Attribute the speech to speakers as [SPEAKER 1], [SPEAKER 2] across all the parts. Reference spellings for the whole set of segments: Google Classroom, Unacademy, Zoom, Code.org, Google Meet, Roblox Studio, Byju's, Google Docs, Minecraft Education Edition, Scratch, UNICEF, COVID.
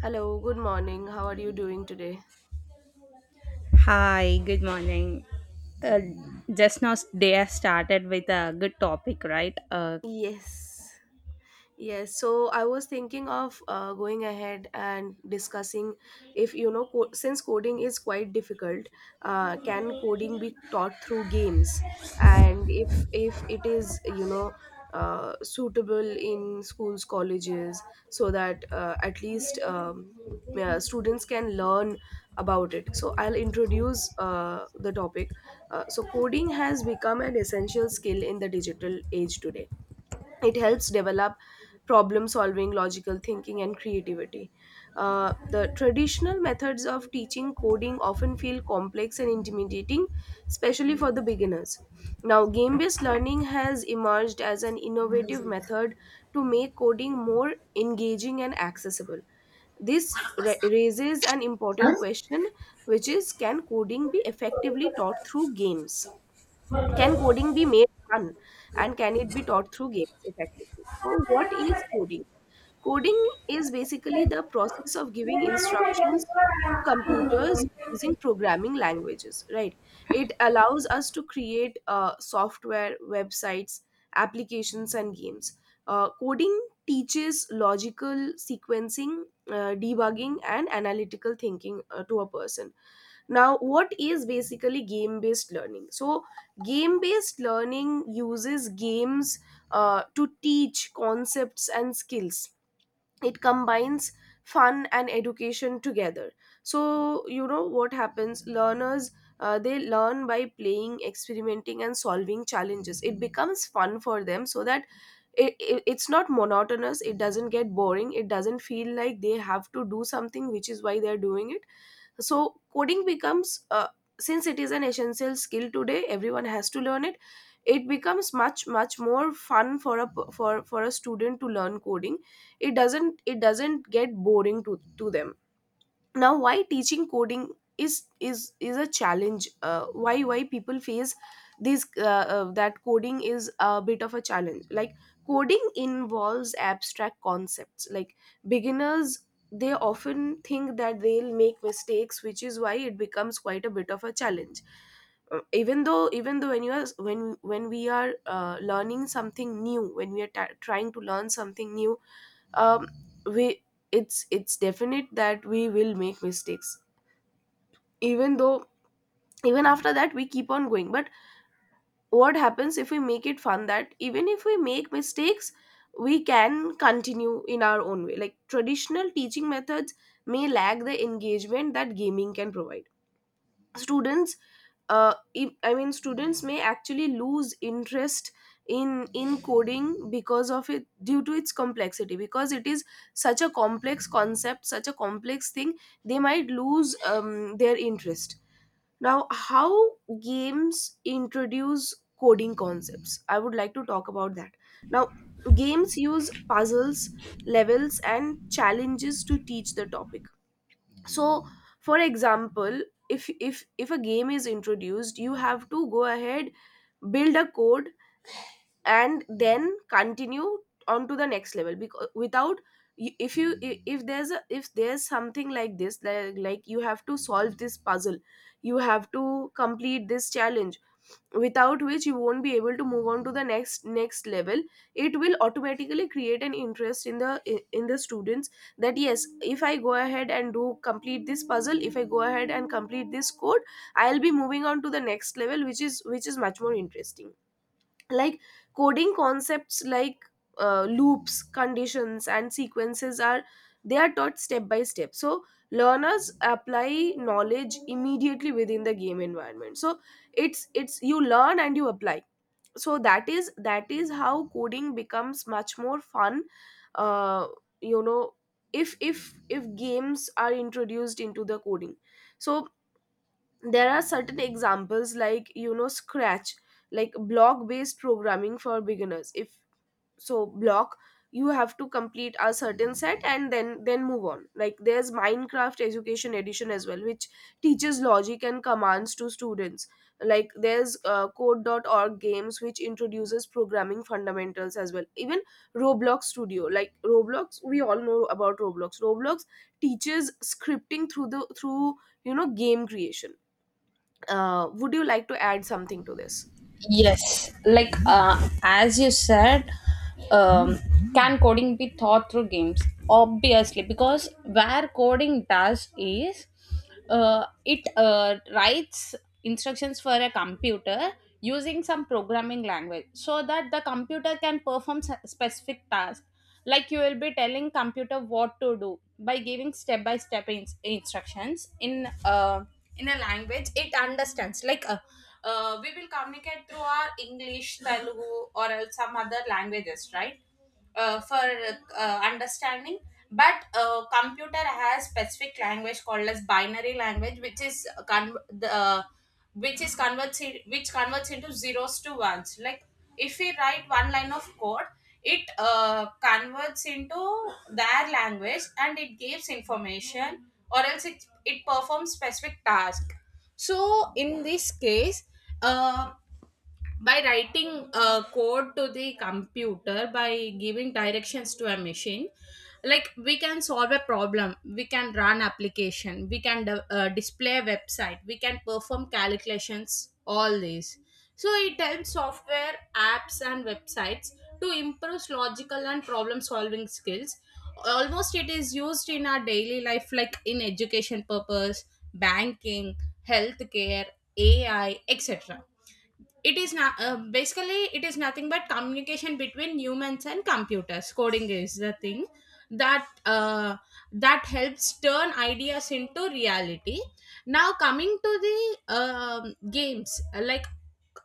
[SPEAKER 1] Hello, good morning. How are you doing today?
[SPEAKER 2] Hi, good morning. Uh, just now day has started with a good topic, right?
[SPEAKER 1] Yes, Yes, so I was thinking of going ahead and discussing if you know, since coding is quite difficult, can coding be taught through games? And if it is you know suitable in schools, colleges, so that at least yeah, students can learn about it. So I'll introduce the topic. So coding has become an essential skill in the digital age today. It helps develop problem solving, logical thinking, and creativity. The traditional methods of teaching coding often feel complex and intimidating, especially for the beginners. Now game based learning has emerged as an innovative method to make coding more engaging and accessible. This raises an important question, which is can coding be effectively taught through games, can coding be made fun, and can it be taught through games effectively? So, what is coding? Coding is basically the process of giving instructions to computers using programming languages, right? It allows us to create software, websites, applications, and games. Coding teaches logical sequencing, debugging, and analytical thinking to a person. Now what is basically game based learning? So game based learning uses games to teach concepts and skills. It combines fun and education together. So you know what happens, learners, they learn by playing, experimenting, and solving challenges. It becomes fun for them, so that it's not monotonous, it doesn't get boring, it doesn't feel like they have to do something which is why they're doing it. So coding becomes, since it is an essential skill today, everyone has to learn it. It becomes much more fun for a for for a student to learn coding. It doesn't get boring to them. Now why teaching coding is a challenge, why people face this that coding is a bit of a challenge. Like coding involves abstract concepts. Like beginners, they often think that they'll make mistakes, which is why it becomes quite a bit of a challenge. Even though when you are when we are learning something new, when we are ta trying to learn something new, um, we, it's definite that we will make mistakes. Even though, even after that, we keep on going. But what happens if we make it fun, that even if we make mistakes, we can continue in our own way. Like traditional teaching methods may lack the engagement that gaming can provide. Students, if, I mean, students may actually lose interest in coding because of it, due to its complexity. Because it is such a complex concept, such a complex thing, they might lose their interest. Now how games introduce coding concepts, I would like to talk about that. Now games use puzzles, levels, and challenges to teach the topic. So, for example, if a game is introduced, you have to go ahead, build a code, and then continue on to the next level. Because without, y- if you I- if there's something like this, like you have to solve this puzzle, you have to complete this challenge, without which you won't be able to move on to the next level. It will automatically create an interest in the students, that yes, if I go ahead and do complete this puzzle, if I go ahead and complete this code, I'll be moving on to the next level, which is much more interesting. Like coding concepts like loops, conditions, and sequences are, they are taught step by step. So learners apply knowledge immediately within the game environment. So it's you learn and you apply. So that is how coding becomes much more fun. Uh, you know, if games are introduced into the coding. So there are certain examples like you know scratch, like block based programming for beginners. If so block You have to complete a certain set and then move on. Like there's minecraft education edition as well, which teaches logic and commands to students. Like there's code.org games which introduces programming fundamentals as well. Even roblox studio, like roblox, we all know about roblox. Roblox teaches scripting through the through you know game creation. Would you like to add something to this?
[SPEAKER 2] As you said, um, can coding be taught through games? Obviously, because where coding does is it writes instructions for a computer using some programming language so that the computer can perform specific tasks. Like you will be telling computer what to do by giving step by step instructions in in a language it understands like we will communicate through our english telugu or else some other languages, right? For Understanding, but computer has specific language called as binary language which is con- the which is converts which converts into zeros to ones. Like if we write one line of code, it converts into their language and it gives information or else it performs specific task. So in this case, uh, by writing a code to the computer, by giving directions to a machine, like we can solve a problem, we can run application, we can display a website, we can perform calculations, all these. So it helps software apps and websites to improve logical and problem solving skills. Almost it is used in our daily life, like in education purpose, banking, healthcare, ai, etc. It is not basically, it is nothing but communication between humans and computers. Coding is the thing that that helps turn ideas into reality. Now coming to the games, like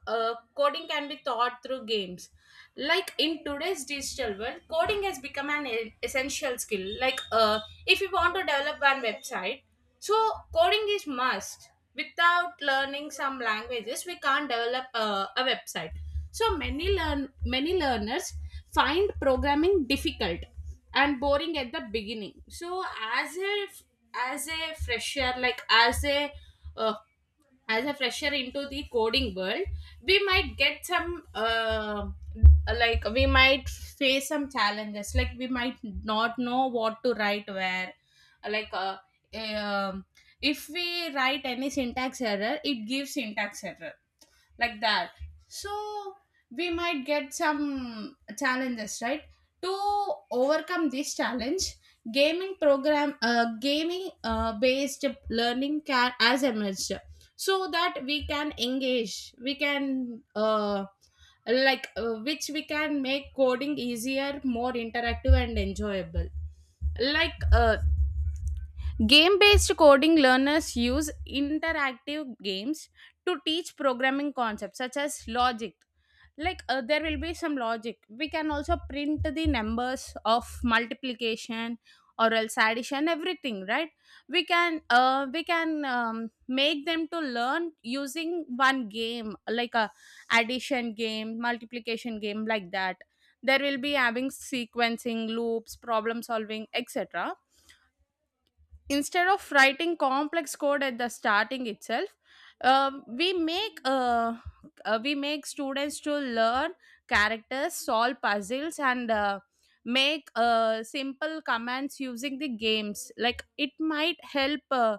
[SPEAKER 2] coding can be taught through games. Like in today's digital world, coding has become an essential skill. Like if you want to develop one website, so coding is must. Without learning some languages, we can't develop a website. So many learners find programming difficult and boring at the beginning. So as a as a fresher, like uh, as a fresher into the coding world, we might get some like we might face some challenges, like we might not know what to write where. Like um if we write any syntax error, it gives syntax error, like that. So we might get some challenges, right? To overcome this challenge, gaming based learning can as emerged, so that we can engage, we can which we can make coding easier, more interactive and enjoyable. Like game based coding learners use interactive games to teach programming concepts such as logic. Like there will be some logic. We can also print the numbers of multiplication or else addition, everything, right? We can make them to learn using one game, like a addition game, multiplication game, like that. There will be having sequencing loops, problem solving, etc, instead of writing complex code at the starting itself. uh, we make uh, we make students to learn characters, solve puzzles and make simple commands using the games. Like it might help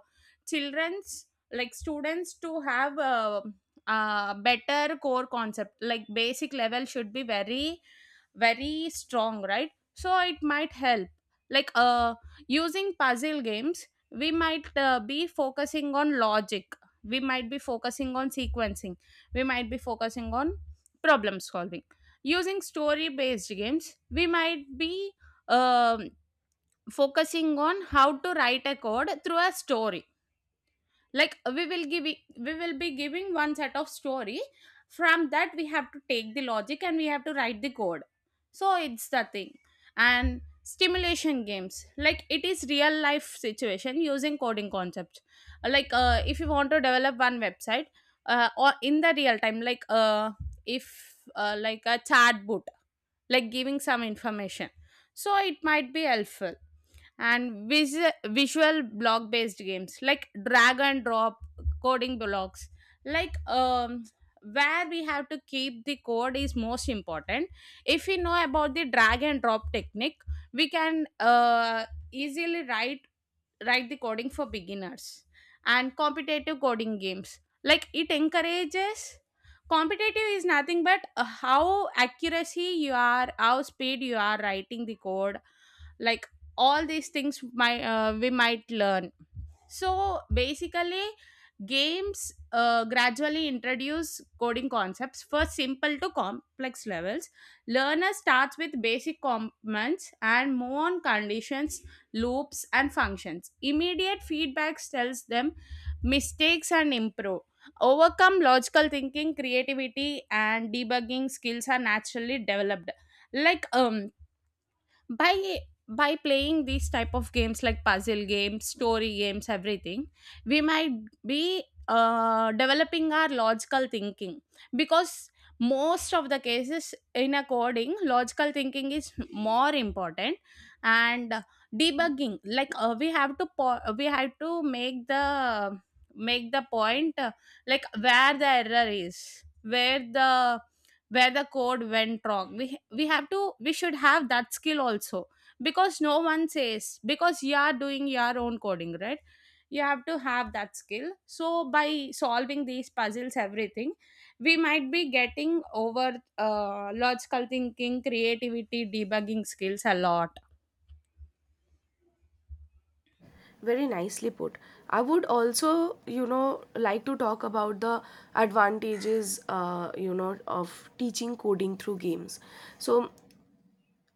[SPEAKER 2] children's, like students to have a better core concept. Like basic level should be very very strong, right? So it might help. like uh Using puzzle games, we might be focusing on logic, we might be focusing on sequencing, we might be focusing on problem solving. Using story based games, we might be um focusing on how to write a code through a story. Like we will be giving one set of story, from that we have to take the logic and we have to write the code. So it's the thing. And stimulation games, like it is real life situation using coding concepts. Like if you want to develop one website, or in the real time, like if like a chatbot, like giving some information, so it might be helpful. And visual block based games, like drag and drop coding blocks, like where we have to keep the code is most important. If we know about the drag and drop technique, we can easily write the coding for beginners. And competitive coding games, like it encourages, competitive is nothing but how accuracy you are, how speed you are writing the code. Like all these things my we might learn. So basically, games gradually introduce coding concepts, first simple to complex levels. Learner starts with basic commands and move on conditions, loops, and functions. Immediate feedback tells them mistakes and improve. Overcome logical thinking, creativity, and debugging skills are naturally developed. Like by by playing these type of games, like puzzle games, story games, everything, we might be developing our logical thinking, because most of the cases in a coding, logical thinking is more important. And debugging, like we have to make the point, like where the error is, where the code went wrong. We should have that skill also, because no one says, because you are doing your own coding, right? You have to have that skill. So by solving these puzzles, everything, we might be getting over logical thinking, creativity, debugging skills a lot.
[SPEAKER 1] Very nicely put. I would also, you know, like to talk about the advantages you know of teaching coding through games. So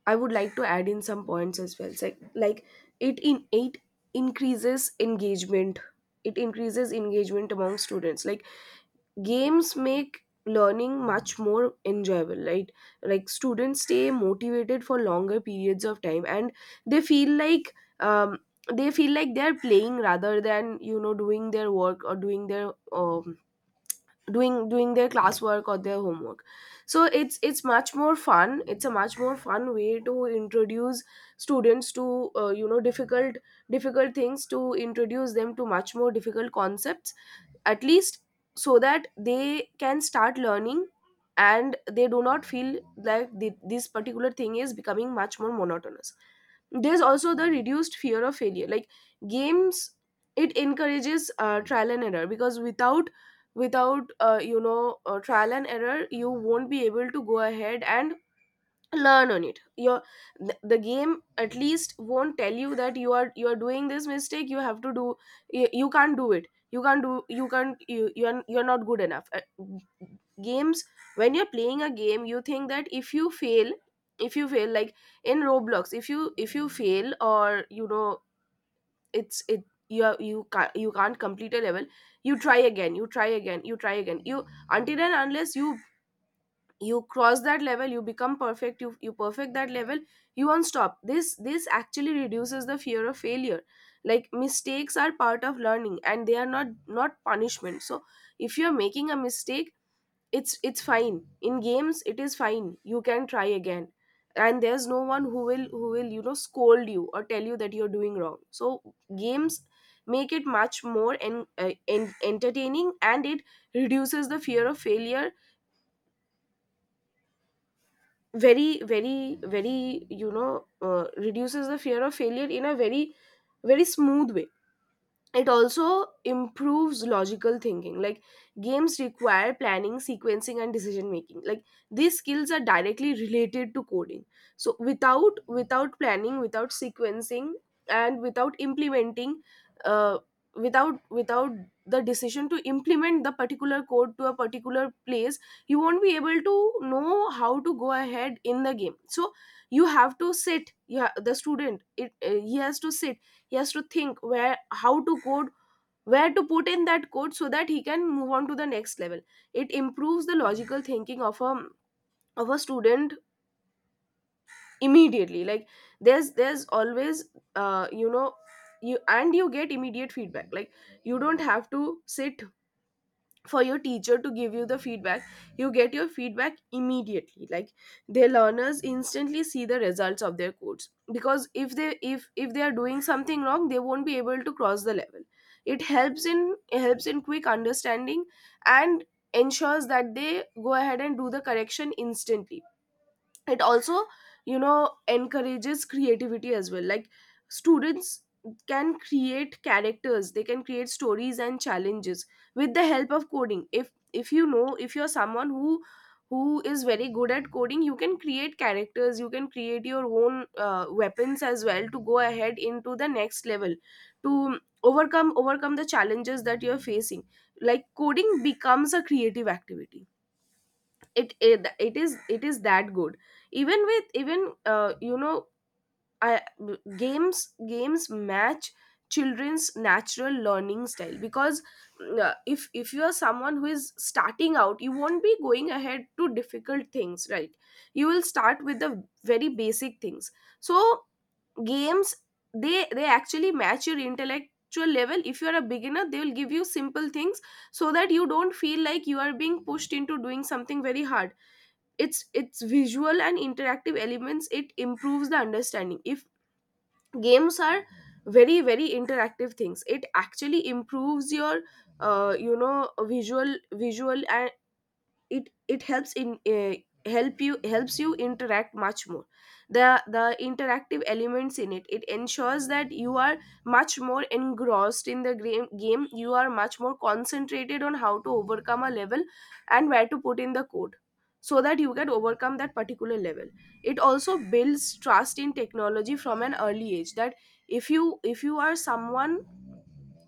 [SPEAKER 1] I would like to add in some points as well. So, like it in it increases engagement, it increases engagement among students. Like games make learning much more enjoyable, right? Like students stay motivated for longer periods of time, and they feel like, um, they feel like they're playing rather than you know doing their work or doing their doing their classwork or their homework. So it's much more fun. It's a much more fun way to introduce students to you know difficult things, to introduce them to much more difficult concepts, at least so that they can start learning and they do not feel like this particular thing is becoming much more monotonous. There's also the reduced fear of failure. Like games, it encourages trial and error. Because without, you know, trial and error, you won't be able to go ahead and learn on it. Your, the game at least won't tell you that you are doing this mistake, you have to do, you can't do it, you're not good enough. Games, when you're playing a game, you think that if you fail, like in roblox, if you fail, or you know, it's it you are, you can't complete a level, you try again you, until and unless you, you cross that level, you become perfect, you perfect that level, you won't stop. This actually reduces the fear of failure. Like mistakes are part of learning and they are not punishment. So if you're making a mistake, it's fine, in games it is fine, you can try again, and there's no one who will you know scold you or tell you that you're doing wrong. So games make it much more entertaining, and it reduces the fear of failure, very, you know, reduces the fear of failure in a very smooth way. It also improves logical thinking. Like games require planning, sequencing, and decision making. Like these skills are directly related to coding. So without, planning, without sequencing, and without implementing, uh, without without the decision to implement the particular code to a particular place, you won't be able to know how to go ahead in the game. So you have to sit, the student, he has to sit, he has to think where, how to code, where to put in that code so that he can move on to the next level. It improves the logical thinking of a student immediately. Like there's, always, you know, you get immediate feedback. Like you don't have to sit for your teacher to give you the feedback. You get your feedback immediately. Like their learners instantly see the results of their codes, because if they, if they are doing something wrong, they won't be able to cross the level. It helps in, it helps in quick understanding and ensures that they go ahead and do the correction instantly. It also, you know, encourages creativity as well. Like students can create characters, they can create stories and challenges with the help of coding. If, you know, if you're someone who who is very good at coding, you can create characters, you can create your own weapons as well to go ahead into the next level, to overcome the challenges that you're facing. Like coding becomes a creative activity. It, it is, it is that good. Even with, even you know, I, games, match children's natural learning style. Because if, you are someone who is starting out, you won't be going ahead to difficult things, right? You will start with the very basic things. So games, they actually match your intellectual level. If you are a beginner, they will give you simple things, so that you don't feel like you are being pushed into doing something very hard. Its, visual and interactive elements, it improves the understanding. If games are very interactive things, it actually improves your you know visual, and it helps in helps you interact much more. The the interactive elements in it it ensures that you are much more engrossed in the game, you are much more concentrated on how to overcome a level and where to put in the code so that you can overcome that particular level. It also builds trust in technology from an early age that if you are someone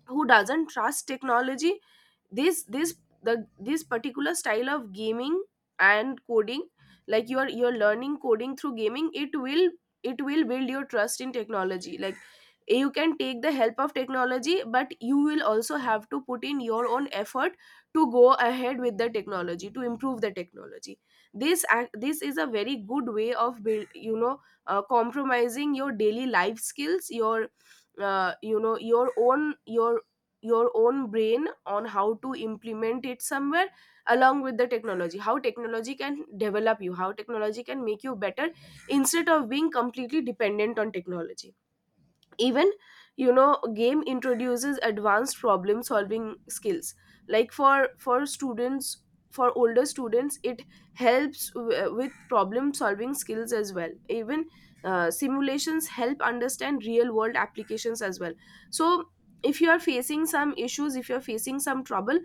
[SPEAKER 1] who doesn't trust technology, this this this particular style of gaming and coding, like you're learning coding through gaming, it will build your trust in technology. Like you can take the help of technology, but you will also have to put in your own effort to go ahead with the technology, to improve the technology. This is a very good way of build, compromising your daily life skills, your you know your own brain on how to implement it somewhere along with the technology, how technology can develop you, how technology can make you better instead of being completely dependent on technology. Even, you know, game introduces advanced problem solving skills, like for students, for older students, it helps with problem solving skills as well. Even simulations help understand real world applications as well. So if you are facing some issues, if you are facing some trouble,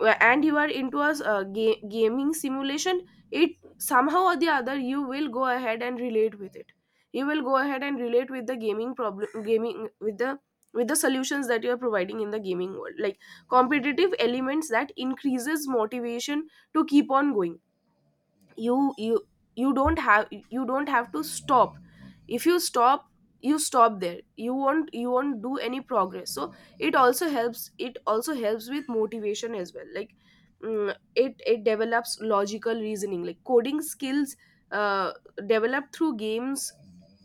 [SPEAKER 1] and you are into a gaming simulation, it, somehow or the other, you will go ahead and relate with it. You will go ahead and relate with the gaming problem, gaming with the, with the solutions that you are providing in the gaming world. Like competitive elements that increases motivation to keep on going. You you you don't have you don't have to stop. If you stop, you stop there, you won't do any progress. So it also helps with motivation as well. Like it develops logical reasoning. Like coding skills uh, developed through games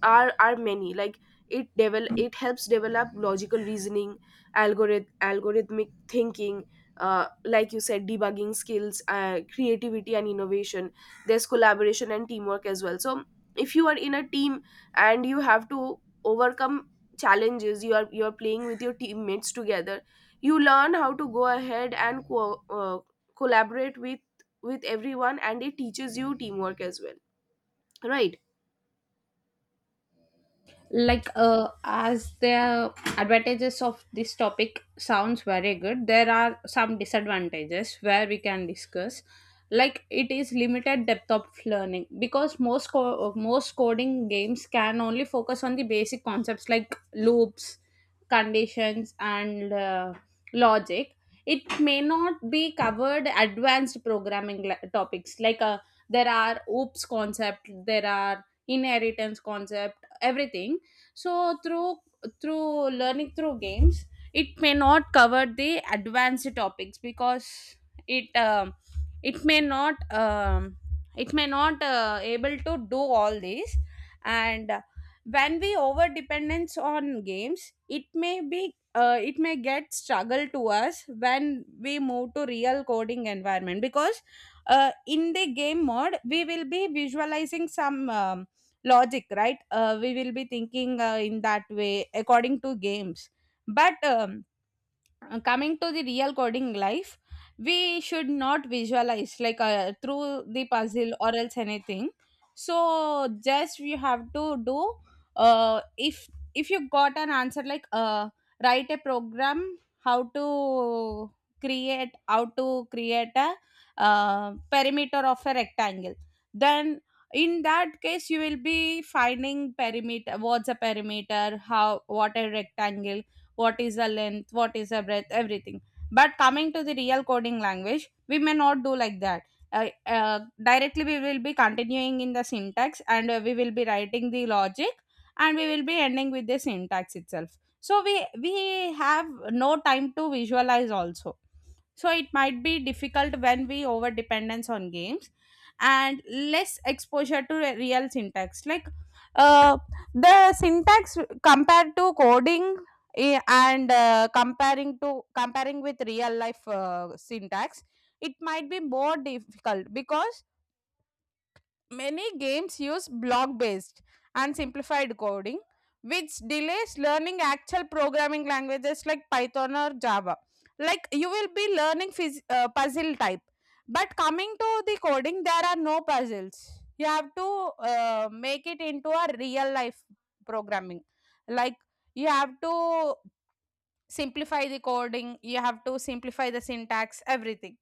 [SPEAKER 1] are many. Like it helps develop logical reasoning, algorithmic thinking, like you said, debugging skills, creativity and innovation. There's collaboration and teamwork as well. So if you are in a team and you have to overcome challenges, you are playing with your teammates together. You learn how to go ahead and collaborate with everyone, and it teaches you teamwork as well, right?
[SPEAKER 2] Like as the advantages of this topic sounds very good, there are some disadvantages where we can discuss. Like it is limited depth of learning, because most coding games can only focus on the basic concepts like loops, conditions and logic. It may not be covered advanced programming topics, like there are oops concept, there are inheritance concept, everything. So through learning through games, it may not cover the advanced topics, because it um, it may not um, it may not able to do all these. And when we over dependence on games, it may be it may get struggle to us when we move to real coding environment. Because in the game mode, we will be visualizing some logic, right? We will be thinking in that way according to games. But coming to the real coding life, we should not visualize like through the puzzle or else anything. So just you have to do, uh, if if you got an answer, like write a program how to create a perimeter of a rectangle. Then in that case, you will be finding perimeter, what's a perimeter, how, what a rectangle, what is the length, what is the breadth, everything. But coming to the real coding language, we may not do like that. Directly, we will be continuing in the syntax and we will be writing the logic and we will be ending with the syntax itself. So, we have no time to visualize also. So it might be difficult when we over dependence on games and less exposure to real syntax. Like uh, the syntax compared to coding. Eh, and Comparing to comparing with real life syntax, it might be more difficult because many games use block based and simplified coding, which delays learning actual programming languages like Python or Java. Like you will be learning puzzle type, but coming to the coding, there are no puzzles. You have to make it into a real life programming. Like you have to simplify the coding, you have to simplify the syntax, everything.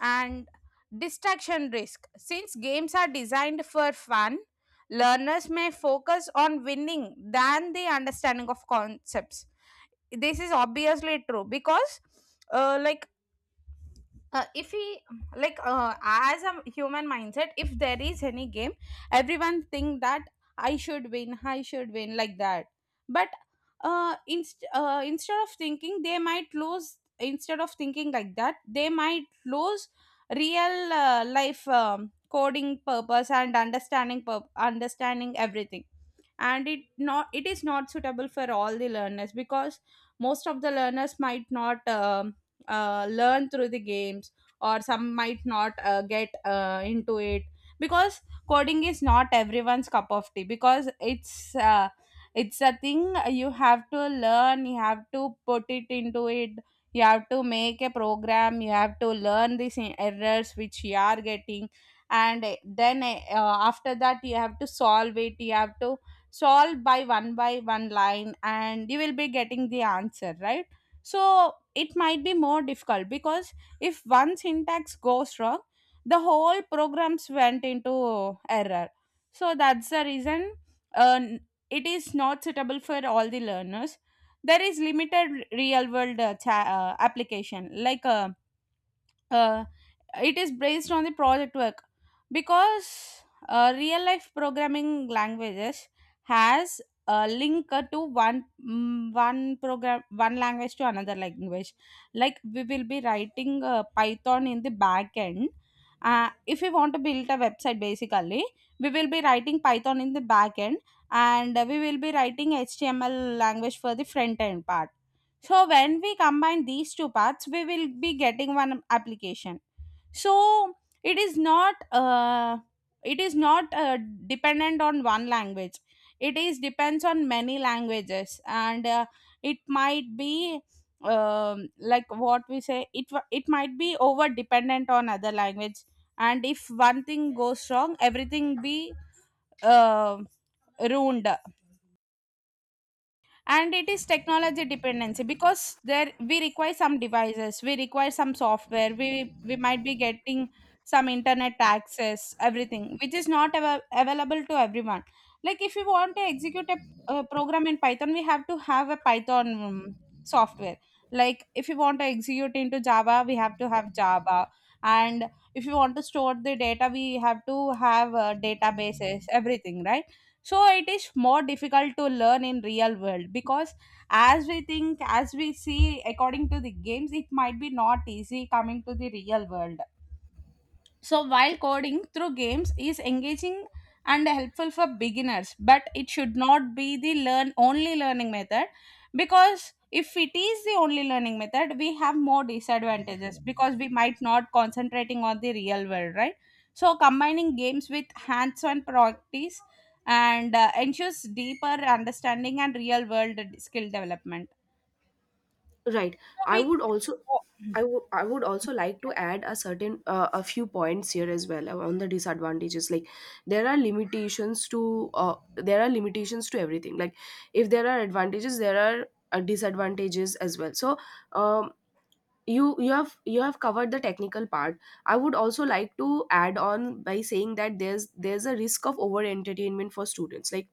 [SPEAKER 2] And distraction risk. Since games are designed for fun, learners may focus on winning than the understanding of concepts. This is obviously true, because like, if he like as a human mindset, if there is any game, everyone think that I should win, like that. But instead of thinking they might lose, instead of thinking like that, they might lose real life, coding purpose and understanding understanding everything. And it is not suitable for all the learners, because most of the learners might not learn through the games, or some might not get into it, because coding is not everyone's cup of tea, because it's a thing, you have to learn, you have to put it into it, you have to make a program, you have to learn these errors which you are getting, and then after that you have to solve it, you have to solve by one line, and you will be getting the answer, right? So it might be more difficult, because if one syntax goes wrong, the whole programs went into error. So that's the reason uh, it is not suitable for all the learners. There is limited real world application, like uh, it is based on the project work, because real life programming languages has a link one program, one language to another language. Like we will be writing python in the back end, if we want to build a website, basically we will be writing python in the back end, and we will be writing html language for the front end part. So when we combine these two parts, we will be getting one application. So it is not uh, it is not dependent on one language. It is depends on many languages, and it might be like what we say. It might be over dependent on other language, and if one thing goes wrong, everything be uh, ruined. And it is technology dependency, because there we require some devices, we require some software, we might be getting some internet access, everything, which is not available to everyone. Like if you want to execute program in python, we have to have a python software. Like if you want to execute into java, we have to have java. And if you want to store the data, we have to have databases, everything, right? So it is more difficult to learn in real world, because as we think, as we see according to the games, it might be not easy coming to the real world. So while coding through games is engaging and helpful for beginners, but it should not be the learn only learning method, because if it is the only learning method, we have more disadvantages, because we might not concentrating on the real world, right? So combining games with hands-on practice and ensures deeper understanding and real world skill development.
[SPEAKER 1] Right,
[SPEAKER 2] So
[SPEAKER 1] I
[SPEAKER 2] we
[SPEAKER 1] would also, I would also like to add a certain a few points here as well on the disadvantages. Like there are limitations to there are limitations to everything. Like if there are advantages, there are disadvantages as well. So um, you have covered the technical part. I would also like to add on by saying that there's a risk of over entertainment for students. Like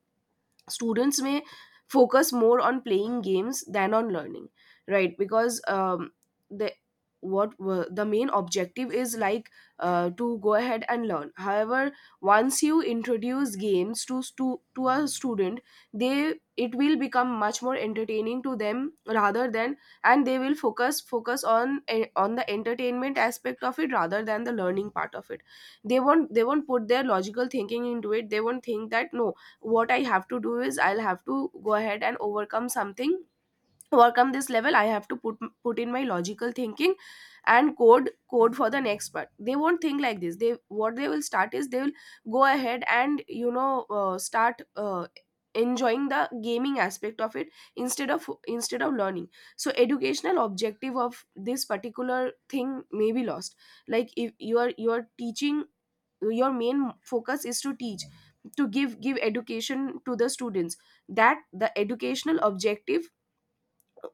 [SPEAKER 1] students may focus more on playing games than on learning, right? Because the the main objective is like to go ahead and learn. However, once you introduce games to a student, they, it will become much more entertaining to them, rather than, and they will focus on on the entertainment aspect of it rather than the learning part of it. They won't put their logical thinking into it. They won't think that no, what I have to do is I'll have to go ahead and overcome something, overcome this level. I have to put in my logical thinking and code for the next part. They won't think like this. They, what they will start is, they will go ahead and, you know, start enjoying the gaming aspect of it instead of learning. So educational objective of this particular thing may be lost. Like if you are teaching, your main focus is to teach, to give education to the students. That the educational objective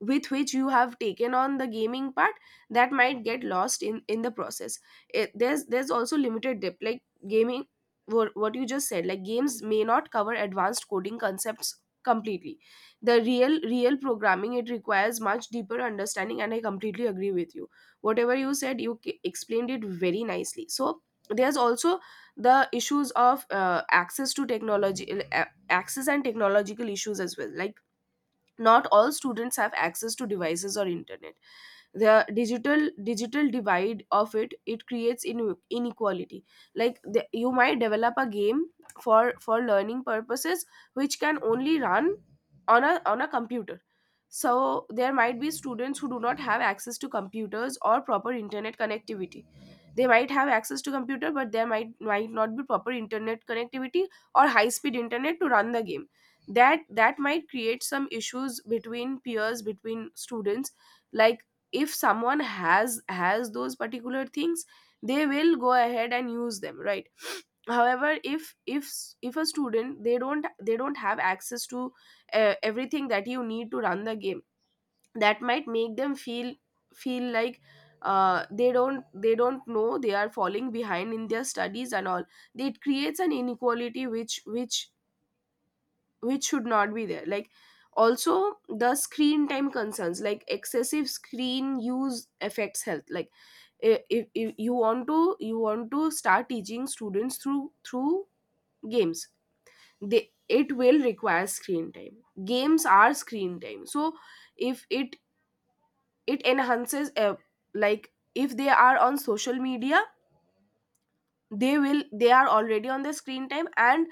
[SPEAKER 1] with which you have taken on the gaming part, that might get lost in the process. It, there's also limited depth. Like gaming, what you just said, like games may not cover advanced coding concepts completely. The real programming, it requires much deeper understanding, and I completely agree with you. Whatever you said, you explained it very nicely. So there's also the issues of access to technology, access and technological issues as well. Like not all students have access to devices or internet. The digital divide of it, it creates inequality. Like the, you might develop a game for learning purposes, which can only run on a computer. So there might be students who do not have access to computers or proper internet connectivity. They might have access to computer, but there might not be proper internet connectivity or high speed internet to run the game. That might create some issues between peers, between students. Like if someone has those particular things, they will go ahead and use them, right? However, if if a student, they don't have access to everything that you need to run the game, that might make them feel like they don't know, they are falling behind in their studies and all. It creates an inequality which which should not be there. Like also the screen time concerns, like excessive screen use affects health. Like if you want to, you want to start teaching students through games, they, it will require screen time. Games are screen time. So if it, it enhances like if they are on social media, they will, they are already on their screen time,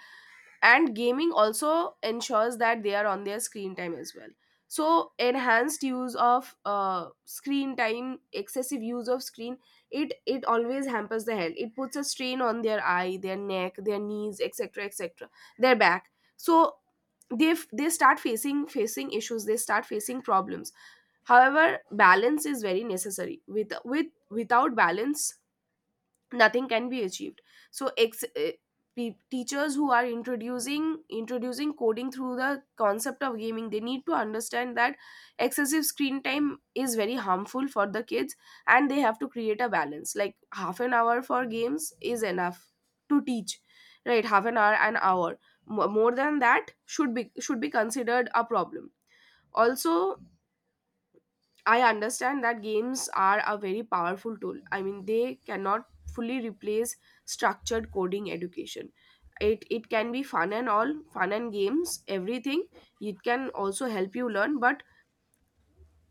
[SPEAKER 1] and gaming also ensures that they are on their screen time as well. So enhanced use of screen time, excessive use of screen, it always hampers the health. It puts a strain on their eye, their neck, their knees, etc, etc, their back. So they they start facing issues, they start facing problems. However, balance is very necessary. With without balance, nothing can be achieved. So, teachers who are introducing coding through the concept of gaming, they need to understand that excessive screen time is very harmful for the kids, and they have to create a balance. Like half an hour for games is enough to teach, right? Half an hour, an hour. More than that should be considered a problem. Also, I understand that games are a very powerful tool. I mean, they cannot fully replace structured coding education. It can be fun and all, fun and games, everything. It can also help you learn, but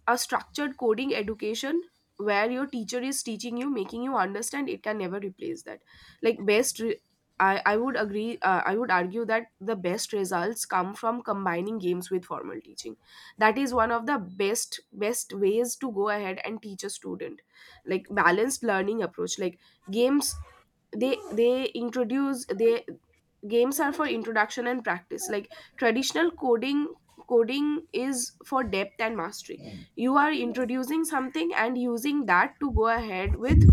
[SPEAKER 1] a structured coding education where your teacher is teaching you, making you understand, it can never replace that. like best re- I would agree, I would argue that the best results come from combining games with formal teaching. That is one of the best ways to go ahead and teach a student. Like balanced learning approach. Like games, they games are for introduction and practice. Like traditional coding is for depth and mastery. You are introducing something and using that to go ahead with,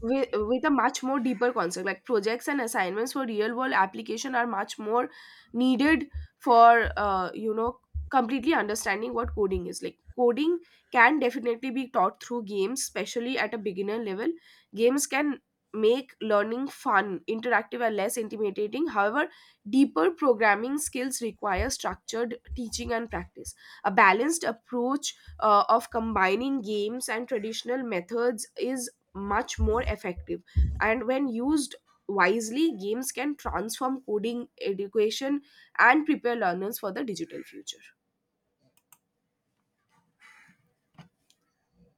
[SPEAKER 1] with a much more deeper concept. Like projects and assignments for real world application are much more needed for, you know, completely understanding what coding is. Like coding can definitely be taught through games, especially at a beginner level. Games can make learning fun, interactive, and less intimidating. However, deeper programming skills require structured teaching and practice. A balanced approach of combining games and traditional methods is much more effective, and when used wisely, games can transform coding education and prepare learners for the digital future.